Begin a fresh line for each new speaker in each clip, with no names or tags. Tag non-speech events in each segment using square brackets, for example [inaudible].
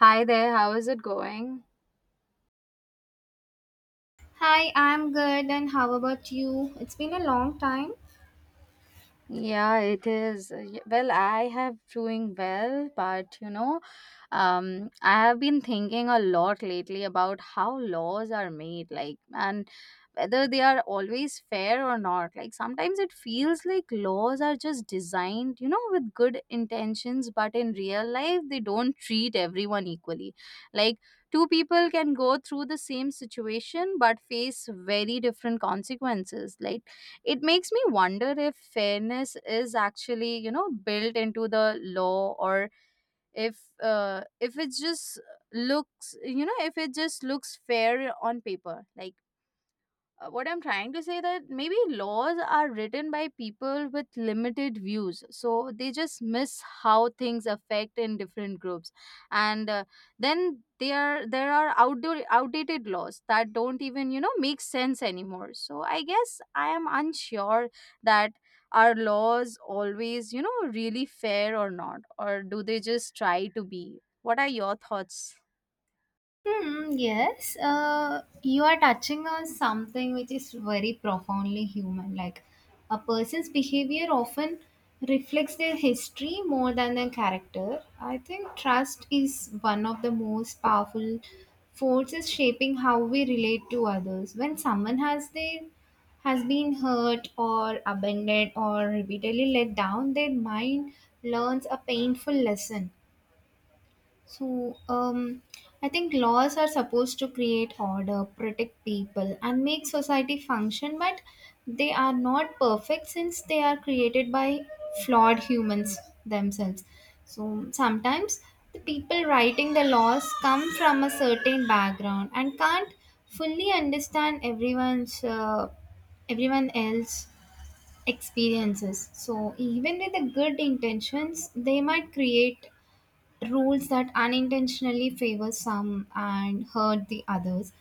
Hi there, how is it going?
Hi, I'm good, and how about you? It's been a long time.
Yeah, it is. Well, I have doing well, but I have been thinking a lot lately about how laws are made, and whether they are always fair or not. Like, sometimes it feels like laws are just designed, with good intentions, but in real life, they don't treat everyone equally. Like, Two people can go through the same situation but face very different consequences. It makes me wonder if fairness is actually, built into the law or if it just looks, if it just looks fair on paper. What I'm trying to say that maybe laws are written by people with limited views, so they just miss how things affect in different groups, and then there are outdoor outdated laws that don't even make sense anymore. So I guess I am unsure that are laws always really fair or not, or do they just try to be? What are your thoughts?
Hmm, yes, you are touching on something which is very profoundly human. Like a person's behavior often reflects their history more than their character. I think trust is one of the most powerful forces shaping how we relate to others. When someone has been hurt or abandoned or repeatedly let down, their mind learns a painful lesson so, I think laws are supposed to create order, protect people, and make society function, but they are not perfect since they are created by flawed humans themselves. So, sometimes the people writing the laws come from a certain background and can't fully understand everyone else experiences so even with the good intentions they might create rules that unintentionally favor some and hurt the others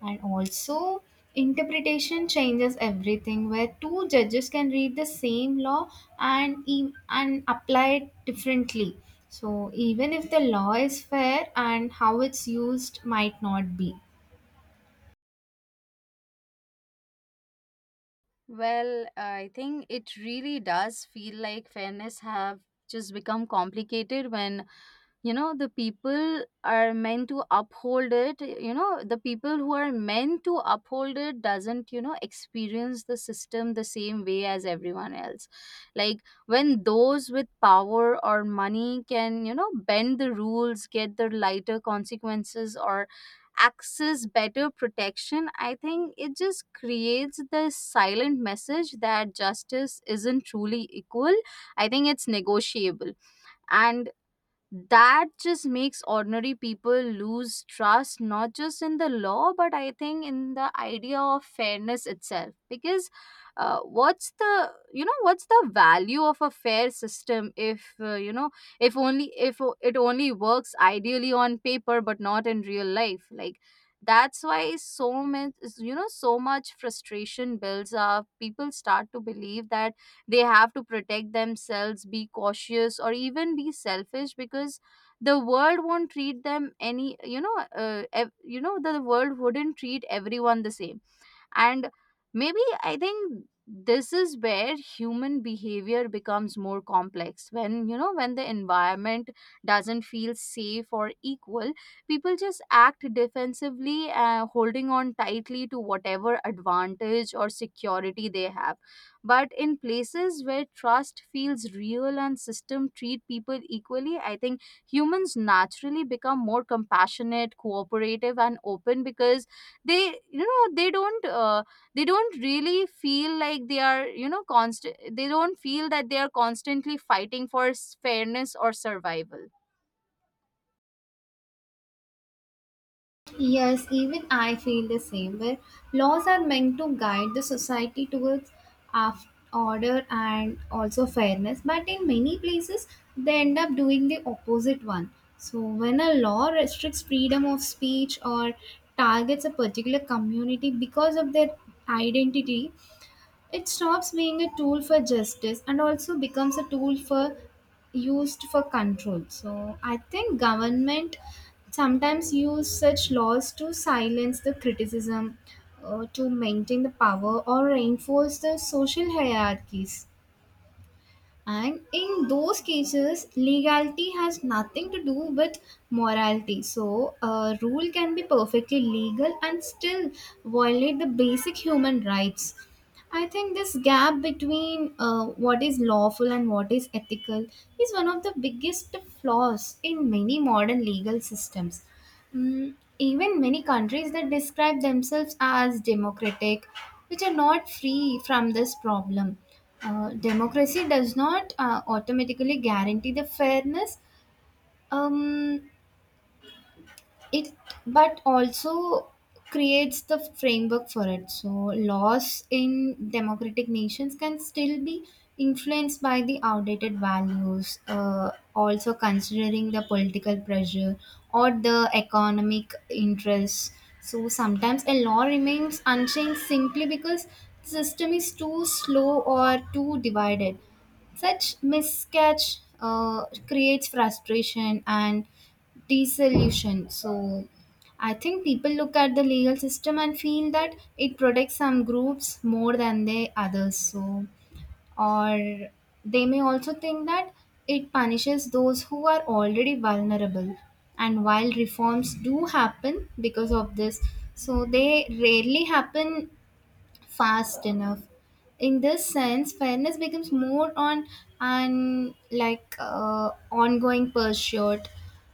and also interpretation changes everything where two judges can read the same law and apply it differently so even if the law is fair and how it's used might not be.
Well, I think it really does feel like fairness have just become complicated when the people are meant to uphold it you know the people who are meant to uphold it doesn't experience the system the same way as everyone else. like when those with power or money can bend the rules, get the lighter consequences, or access better protection, I think it just creates this silent message that justice isn't truly equal. I think it's negotiable, and that just makes ordinary people lose trust, not just in the law, but I think in the idea of fairness itself. Because what's the what's the value of a fair system if if only if o- it only works ideally on paper but not in real life? That's why so much, so much frustration builds up. People start to believe that they have to protect themselves, be cautious, or even be selfish, because the world won't treat them any, the world wouldn't treat everyone the same. And maybe, I think, this is where human behavior becomes more complex. When, when the environment doesn't feel safe or equal, people just act defensively, holding on tightly to whatever advantage or security they have. But in places where trust feels real and system treat people equally, I think humans naturally become more compassionate, cooperative, and open because they you know they don't really feel like they are, you know constant they don't feel that they are constantly fighting for fairness or survival.
Yes, even I feel the same. Where laws are meant to guide the society towards af- order and also fairness, but in many places they end up doing the opposite one. So, when a law restricts freedom of speech or targets a particular community because of their identity, it stops being a tool for justice and also becomes a tool for used for control. So I think government sometimes use such laws to silence the criticism, to maintain the power or reinforce the social hierarchies. And in those cases, legality has nothing to do with morality. So, a rule can be perfectly legal and still violate the basic human rights. I think this gap between what is lawful and what is ethical is one of the biggest flaws in many modern legal systems. Mm, even many countries that describe themselves as democratic, which are not free from this problem. Democracy does not automatically guarantee the fairness. Um, it but also creates the framework for it so laws in democratic nations can still be influenced by the outdated values also considering the political pressure or the economic interests so sometimes a law remains unchanged simply because the system is too slow or too divided such miscatch creates frustration and desolution. So I think people look at the legal system and feel that it protects some groups more than the others. So or they may also think that it punishes those who are already vulnerable. And while reforms do happen because of this, so they rarely happen fast enough. In this sense, fairness becomes more on an like ongoing pursuit,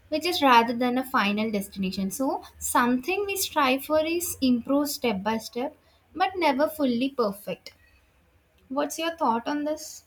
which is rather than a final destination. So something we strive for is improve step by step, but never fully perfect. What's your thought on this?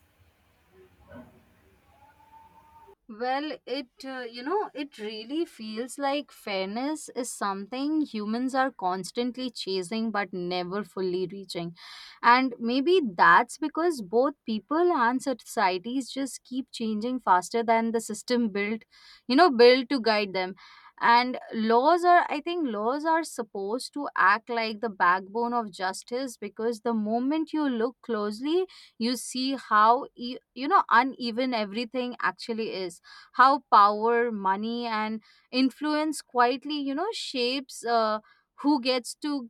Well, it really feels like fairness is something humans are constantly chasing but never fully reaching. And maybe that's because both people and societies just keep changing faster than the system built, built to guide them. And laws are, I think, laws are supposed to act like the backbone of justice, because the moment you look closely, you see how, uneven everything actually is, how power, money, and influence quietly, shapes who gets to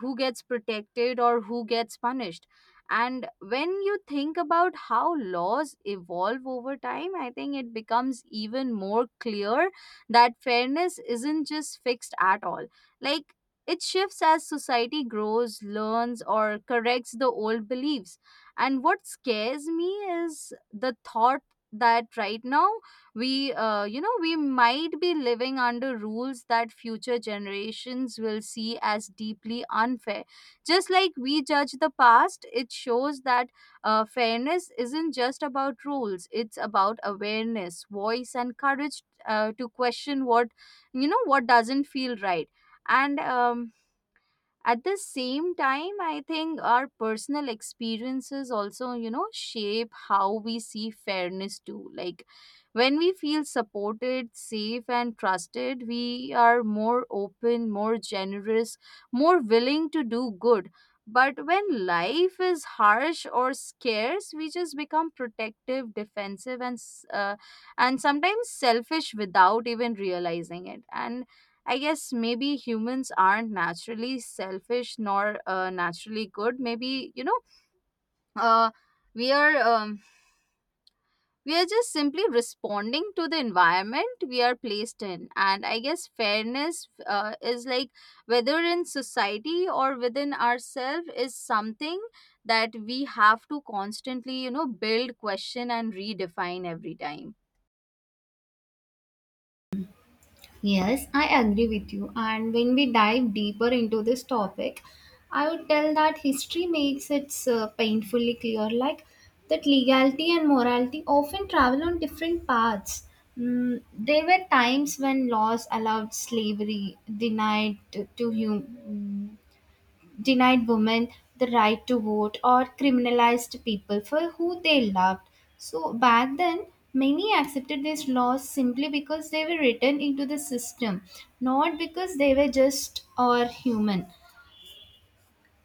who gets protected or who gets punished. And when you think about how laws evolve over time, I think it becomes even more clear that fairness isn't just fixed at all. Like it shifts as society grows, learns, or corrects the old beliefs. And what scares me is the thought that right now we, we might be living under rules that future generations will see as deeply unfair. Just like we judge the past, it shows that, fairness isn't just about rules, it's about awareness, voice, and courage, to question what, what doesn't feel right. And at the same time, I think our personal experiences also, shape how we see fairness too. When we feel supported, safe, and trusted, we are more open, more generous, more willing to do good. But when life is harsh or scarce, we just become protective, defensive, and and sometimes selfish without even realizing it. And I guess maybe humans aren't naturally selfish nor, naturally good. Maybe, uh, we are um, we are just simply responding to the environment we are placed in. And I guess fairness, is like, whether in society or within ourselves, is something that we have to constantly, build, question, and redefine every time.
Yes, I agree with you. And when we dive deeper into this topic, I would tell that history makes it painfully clear like that legality and morality often travel on different paths. Mm, there were times when laws allowed slavery, denied women the right to vote or criminalized people for who they loved. So back then, many accepted these laws simply because they were written into the system, not because they were just or human.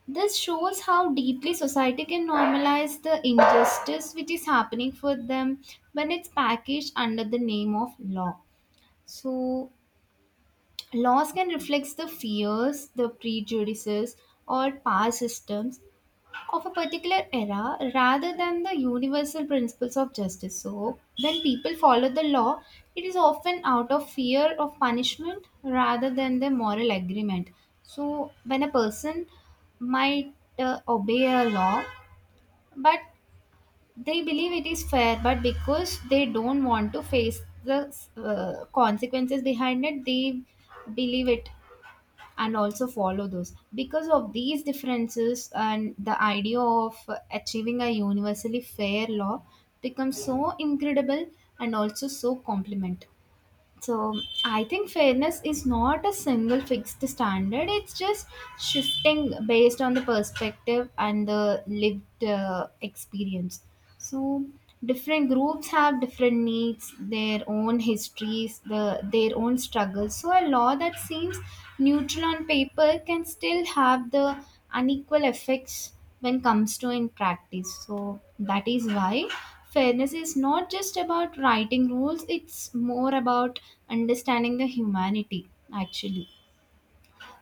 This shows how deeply society can normalize the injustice which is happening for them when it's packaged under the name of law. So, laws can reflect the fears, the prejudices, or past systems of a particular era rather than the universal principles of justice. So, when people follow the law, it is often out of fear of punishment rather than the moral agreement. So, when a person might obey a law, but they believe it is fair, but because they don't want to face the consequences behind it, they believe it and also follow those because of these differences and the idea of achieving a universally fair law becomes so incredible and also so complement so I think fairness is not a single fixed standard. It's just shifting based on the perspective and the lived experience. So different groups have different needs, their own histories, their own struggles. So a law that seems neutral on paper can still have the unequal effects when comes to in practice. So that is why fairness is not just about writing rules, it's more about understanding the humanity, actually.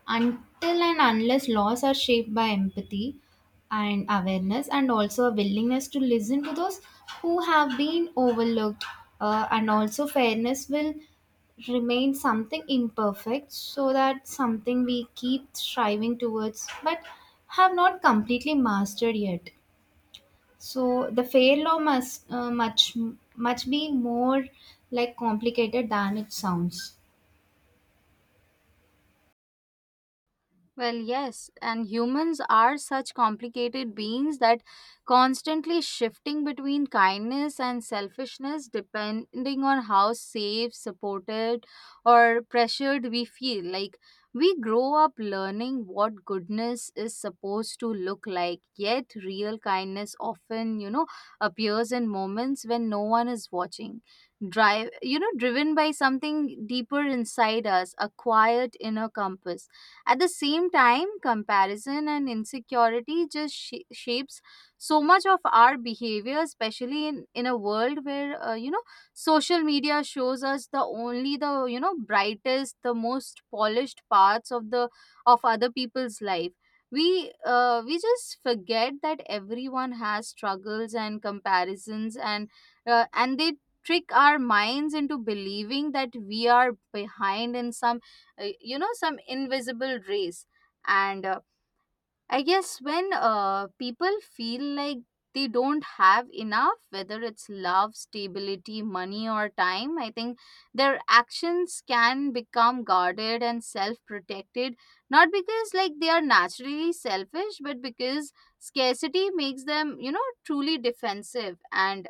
Until and unless laws are shaped by empathy and awareness, and also a willingness to listen to those who have been overlooked, and also fairness will remain something imperfect so that something we keep striving towards but have not completely mastered yet. So the fair law must much be more like complicated than it sounds.
Well, yes, and humans are such complicated beings that constantly shifting between kindness and selfishness depending on how safe, supported, or pressured we feel. Like, we grow up learning what goodness is supposed to look like, yet real kindness often, appears in moments when no one is watching. Drive, driven by something deeper inside us, a quiet inner compass. At the same time, comparison and insecurity just shapes so much of our behavior, especially in a world where, social media shows us the only the, brightest, the most polished parts of the of other people's life. We just forget that everyone has struggles and comparisons, and they trick our minds into believing that we are behind in some, some invisible race. And I guess when, people feel like they don't have enough, whether it's love, stability, money, or time, I think their actions can become guarded and self protected, not because they are naturally selfish, but because scarcity makes them, truly defensive. and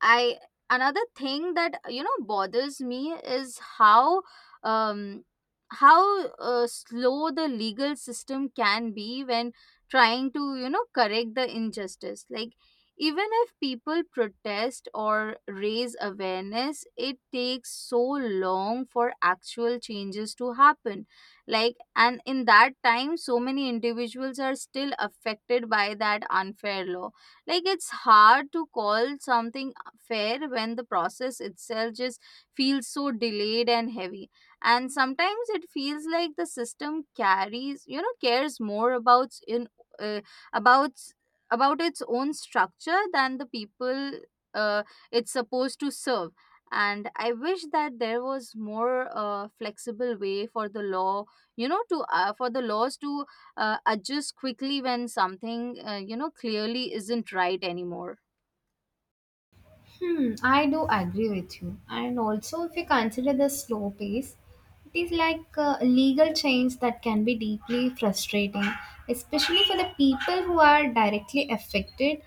I another thing that, bothers me is um how slow the legal system can be when trying to, correct the injustice. Like, even if people protest or raise awareness, it takes so long for actual changes to happen. And in that time, so many individuals are still affected by that unfair law. Like, it's hard to call something fair when the process itself just feels so delayed and heavy. And sometimes it feels like the system carries, cares more about in uh, about about its own structure than the people uh, it's supposed to serve. And I wish that there was more, flexible way for the law, you know, to for the laws to, adjust quickly when something, clearly isn't right anymore.
Hmm, I do agree with you. And also, if you consider the slow pace, it is like legal change that can be deeply frustrating, especially for the people who are directly affected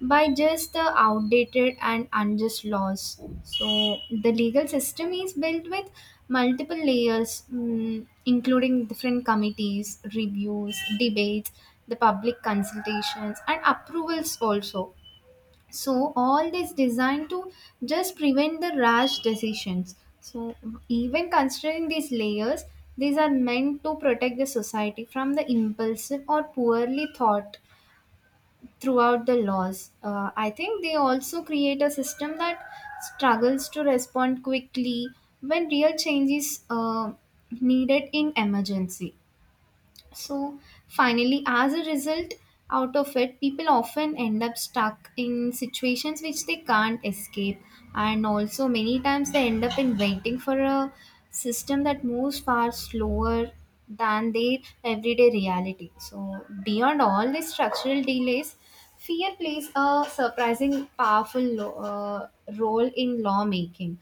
by just the outdated and unjust laws. So, the legal system is built with multiple layers, mm, including different committees, reviews, debates, the public consultations, and approvals also so all this designed to just prevent the rash decisions so even considering these layers these are meant to protect the society from the impulsive or poorly thought throughout the laws. I think they also create a system that struggles to respond quickly when real change is needed in emergency so, finally, as a result out of it, people often end up stuck in situations which they can't escape, and also many times they end up in waiting for a system that moves far slower than their everyday reality. So, beyond all these structural delays, fear plays a surprising powerful role in lawmaking.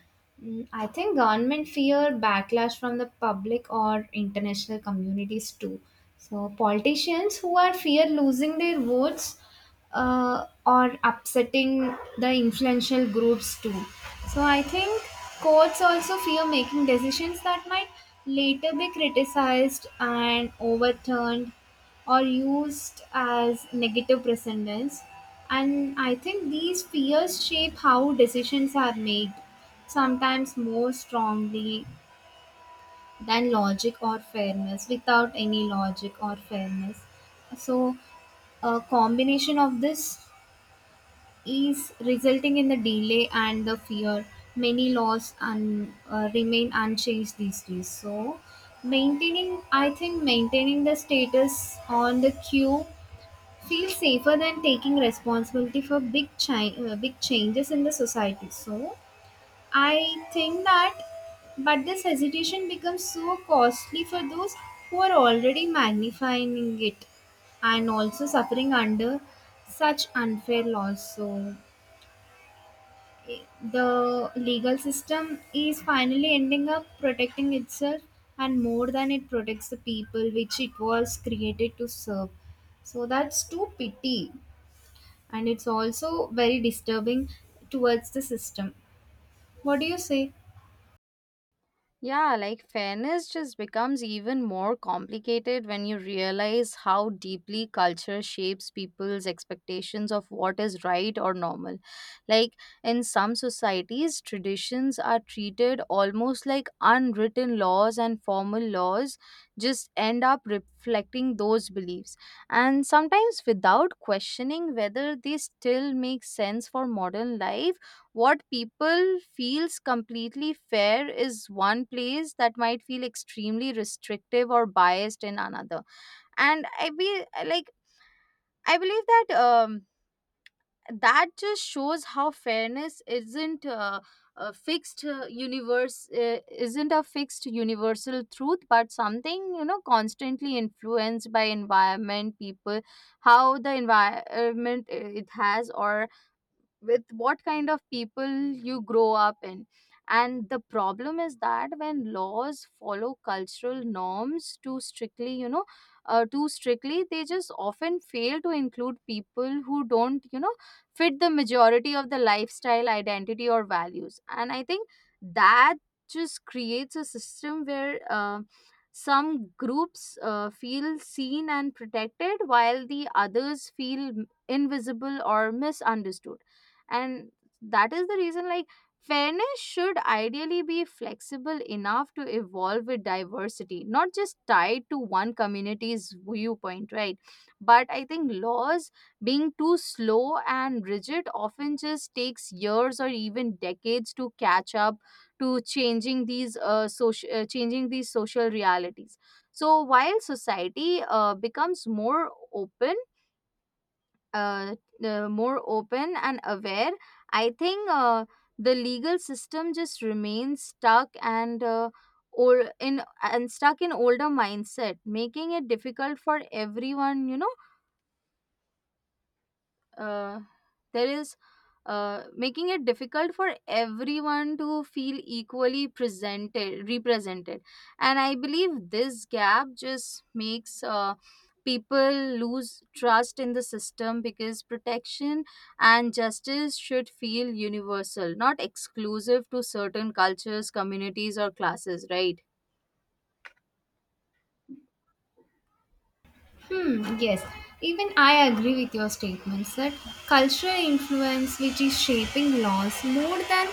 Mm, I think government fear backlash from the public or international communities too. So politicians who are fear losing their votes or upsetting the influential groups too. So I think courts also fear making decisions that might later be criticized and overturned or used as negative precedents. And I think these fears shape how decisions are made. Sometimes more strongly than logic or fairness, without any logic or fairness. So, a combination of this is resulting in the delay and the fear. Many laws remain unchanged these days. So, maintaining, I think, maintaining the status on the queue feels safer than taking responsibility for big, big changes in the society. So, I think that, but this hesitation becomes so costly for those who are already magnifying it and also suffering under such unfair laws. So, i- the legal system is finally ending up protecting itself and more than it protects the people which it was created to serve. So, that's too pity and it's also very disturbing towards the system. What do you say?
Yeah, like fairness just becomes even more complicated when you realize how deeply culture shapes people's expectations of what is right or normal. Like, in some societies, traditions are treated almost like unwritten laws, and formal laws just end up reflecting those beliefs, and sometimes without questioning whether they still make sense for modern life. What people feels completely fair is one place that might feel extremely restrictive or biased in another. And i be like I believe that just shows how fairness isn't, a fixed universe isn't a fixed universal truth, but something, constantly influenced by environment, people, how the environment, it has, or with what kind of people you grow up in. And the problem is that when laws follow cultural norms too strictly, too strictly, they just often fail to include people who don't, fit the majority of the lifestyle, identity, or values. And I think that just creates a system where, some groups, feel seen and protected while the others feel invisible or misunderstood. And that is the reason, like, fairness should ideally be flexible enough to evolve with diversity, not just tied to one community's viewpoint, right? But I think laws being too slow and rigid often just takes years or even decades to catch up to changing these, social changing these social realities. So while society, becomes more open, uh, more open and aware, I think, the legal system just remains stuck, and or in and stuck in older mindset, making it difficult for everyone, you know uh, there is making it difficult for everyone to feel equally presented represented. And I believe this gap just makes, people lose trust in the system, because protection and justice should feel universal, not exclusive to certain cultures, communities, or classes, right?
Hmm, yes, even I agree with your statements that cultural influence, which is shaping laws more than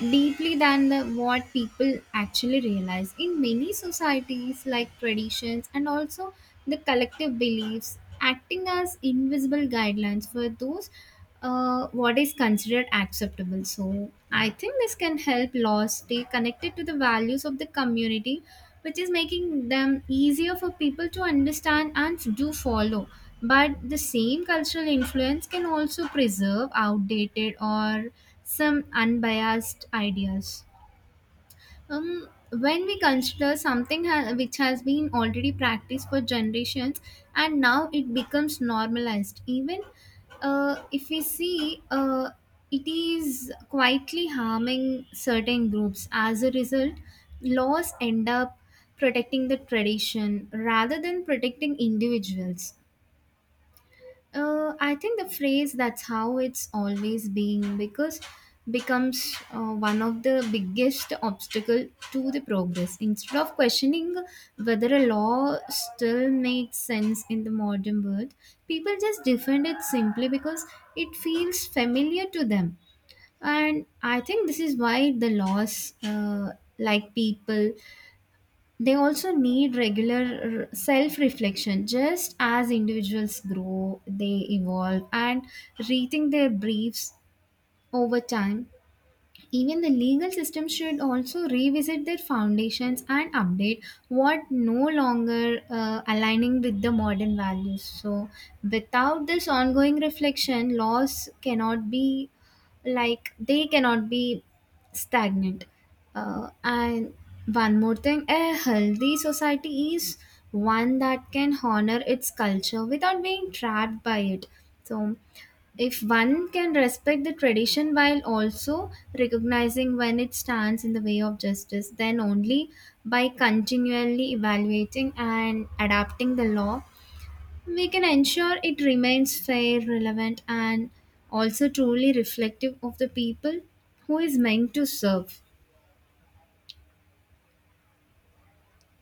deeply than the, what people actually realize in many societies, like traditions and also the collective beliefs, acting as invisible guidelines for those what is considered acceptable. So I think this can help laws stay connected to the values of the community, which is making them easier for people to understand and to do follow. But the same cultural influence can also preserve outdated or some unbiased ideas. When we consider something which has been already practiced for generations and now it becomes normalized, even if we see it is quietly harming certain groups. As a result, laws end up protecting the tradition rather than protecting individuals. I think the phrase "that's how it's always been" because becomes one of the biggest obstacle to the progress. Instead of questioning whether a law still makes sense in the modern world, people just defend it simply because it feels familiar to them. And I think this is why the laws, like people, they also need regular self reflection just as individuals grow they evolve and rethink their beliefs over time even the legal system should also revisit their foundations and update what no longer aligning with the modern values. So, without this ongoing reflection, laws cannot be like they cannot be stagnant. And one more thing, a healthy society is one that can honor its culture without being trapped by it. So if one can respect the tradition while also recognizing when it stands in the way of justice, then only by continually evaluating and adapting the law, we can ensure it remains fair, relevant, and also truly reflective of the people who is meant to serve.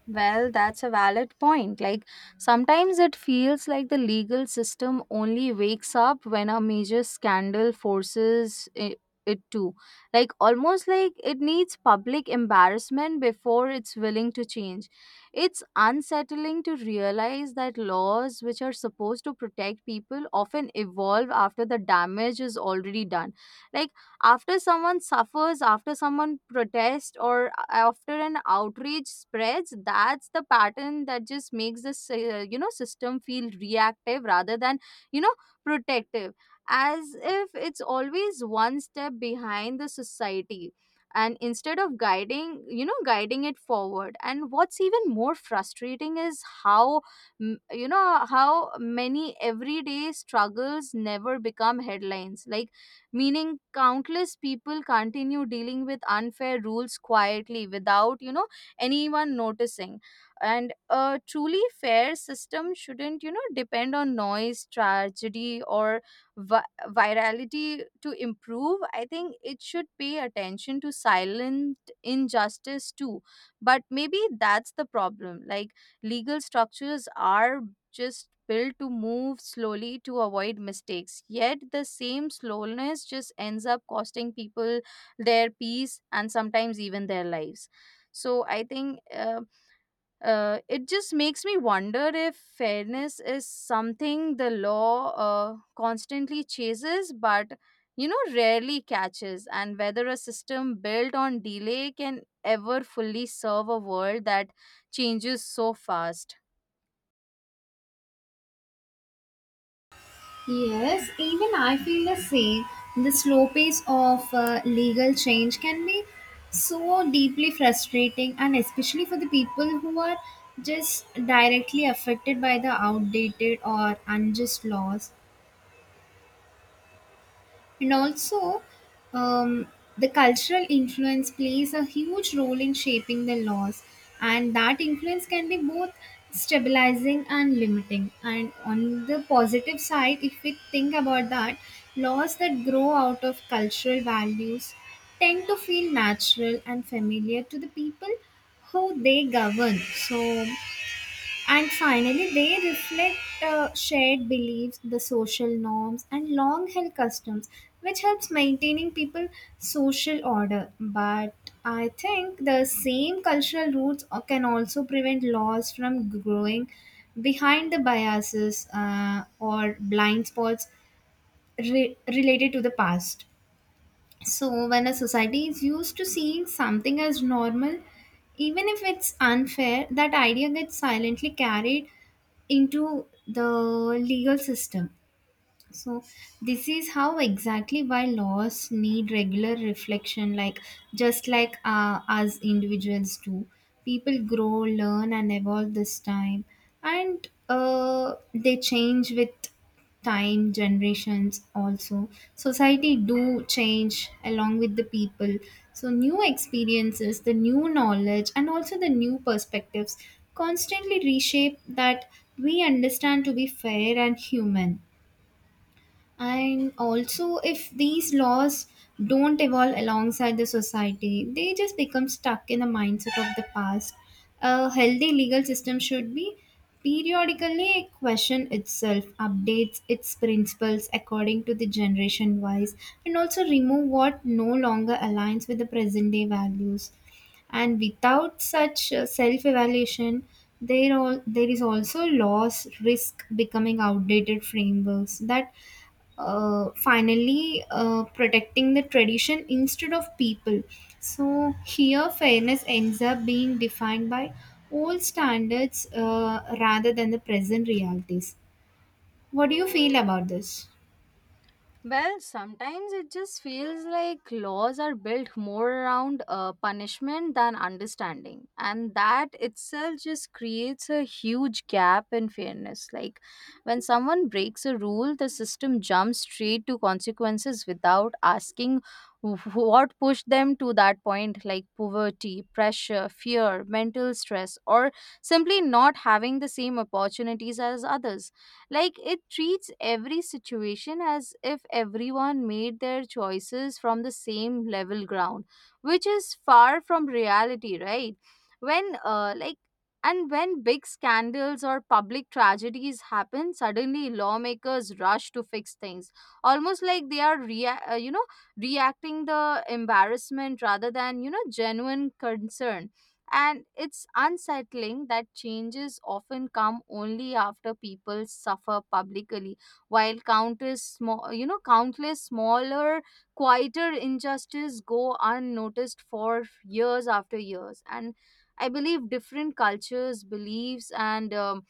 Well, that's a valid point. Like, sometimes it feels like the legal system only wakes up when a major scandal forces it to. Like, almost like it needs public embarrassment before it's willing to change. It's unsettling to realize that laws which are supposed to protect people often evolve after the damage is already done. Like, after someone suffers, after someone protests, or, after an outrage spreads, that's the pattern that just makes this, system feel reactive rather than, you know protective, as if it's always one step behind the society, and instead of guiding, guiding it forward. And what's even more frustrating is how m- you know how many everyday struggles never become headlines, like, meaning countless people continue dealing with unfair rules quietly without, anyone noticing. And a truly fair system shouldn't, depend on noise, tragedy, or virality to improve. I think it should pay attention to silent injustice too. But maybe that's the problem. Like, legal structures are just built to move slowly to avoid mistakes, yet the same slowness just ends up costing people their peace and sometimes even their lives. So I think, it just makes me wonder if fairness is something the law, constantly chases, but, rarely catches, and whether a system built on delay can ever fully serve a world that changes so fast.
Yes, even I feel the same. The slow pace of legal change can be so deeply frustrating, and especially for the people who are just directly affected by the outdated or unjust laws and also um, the cultural influence plays a huge role in shaping the laws and that influence can be both stabilizing and limiting and on the positive side if we think about that laws that grow out of cultural values tend to feel natural and familiar to the people who they govern so and finally, they reflect shared beliefs, the social norms, and long held customs, which helps maintaining people social order. But I think the same cultural roots can also prevent laws from growing behind the biases or blind spots related to the past. So, when a society is used to seeing something as normal, even if it's unfair, that idea gets silently carried into the legal system so this is how exactly why laws need regular reflection, like just like us individuals do. People grow, learn, and evolve this time, and they change with time, generations also. Society do change along with the people. So new experiences, the new knowledge, and also the new perspectives constantly reshape that we understand to be fair and human and also if these laws don't evolve alongside the society they just become stuck in the mindset of the past a healthy legal system should be periodically question itself updates its principles according to the generation wise and also remove what no longer aligns with the present day values and without such self evaluation there is also loss risk becoming outdated frameworks that finally protecting the tradition instead of people. So here, fairness ends up being defined by old standards rather than the present realities. What do you feel about this?
Well, sometimes it just feels like laws are built more around, punishment than understanding. And that itself just creates a huge gap in fairness. Like, when someone breaks a rule, the system jumps straight to consequences without asking [laughs] what pushed them to that point, like poverty, pressure, fear, mental stress, or simply not having the same opportunities as others. Like, it treats every situation as if everyone made their choices from the same level ground, which is far from reality, right? When like and when big scandals or public tragedies happen, suddenly lawmakers rush to fix things, almost like they are reacting the embarrassment rather than, genuine concern. And it's unsettling that changes often come only after people suffer publicly, while countless small, countless smaller, quieter injustices go unnoticed for years after years. And I believe different cultures, beliefs, and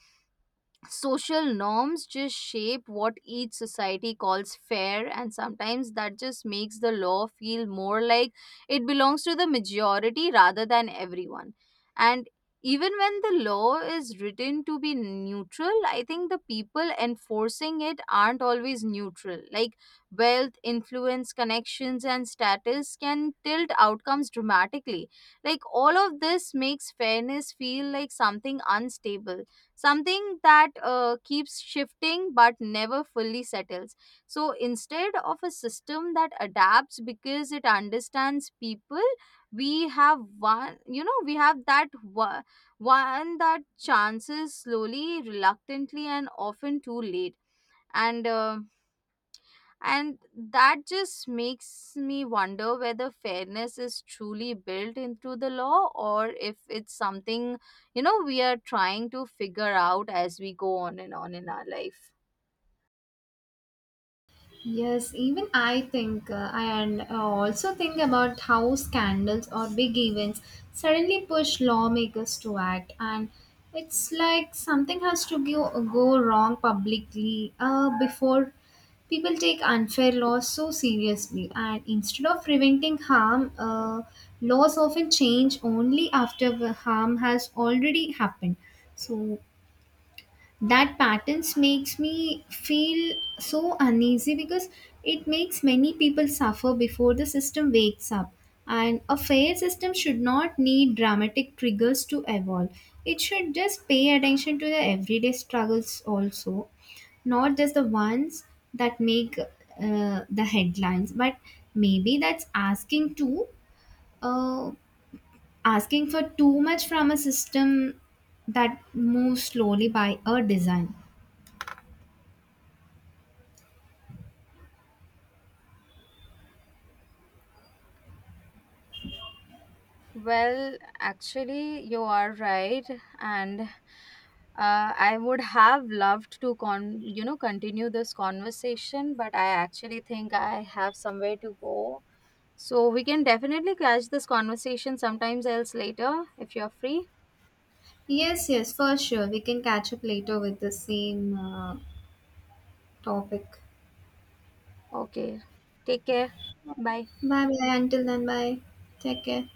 social norms just shape what each society calls fair. And sometimes that just makes the law feel more like it belongs to the majority rather than everyone. And even when the law is written to be neutral, I think the people enforcing it aren't always neutral. Like, wealth, influence, connections, and status can tilt outcomes dramatically. Like, all of this makes fairness feel like something unstable, something that, keeps shifting but never fully settles. So instead of a system that adapts because it understands people, we have one, you know, we have that one, one that chances slowly, reluctantly, and often too late. And uh, and that just makes me wonder whether fairness is truly built into the law, or if it's something, we are trying to figure out as we go on and on in our life.
Yes, even I think, I and also think about how scandals or big events suddenly push lawmakers to act, and it's like something has to go wrong publicly before people take unfair laws so seriously. And instead of preventing harm, laws often change only after the harm has already happened. So that patterns makes me feel so uneasy because it makes many people suffer before the system wakes up and a fair system should not need dramatic triggers to evolve it should just pay attention to the everyday struggles also not just the ones that make the headlines but maybe that's asking too uh, asking for too much from a system that moves slowly by a design.
Well, actually, you are right. And I would have loved to continue this conversation, but I actually think I have somewhere to go. So we can definitely catch this conversation sometimes else later if you're free.
Yes, yes, for sure. We can catch up later with the same topic.
Okay. Take care. Bye.
Bye bye. Until then, bye. Take care.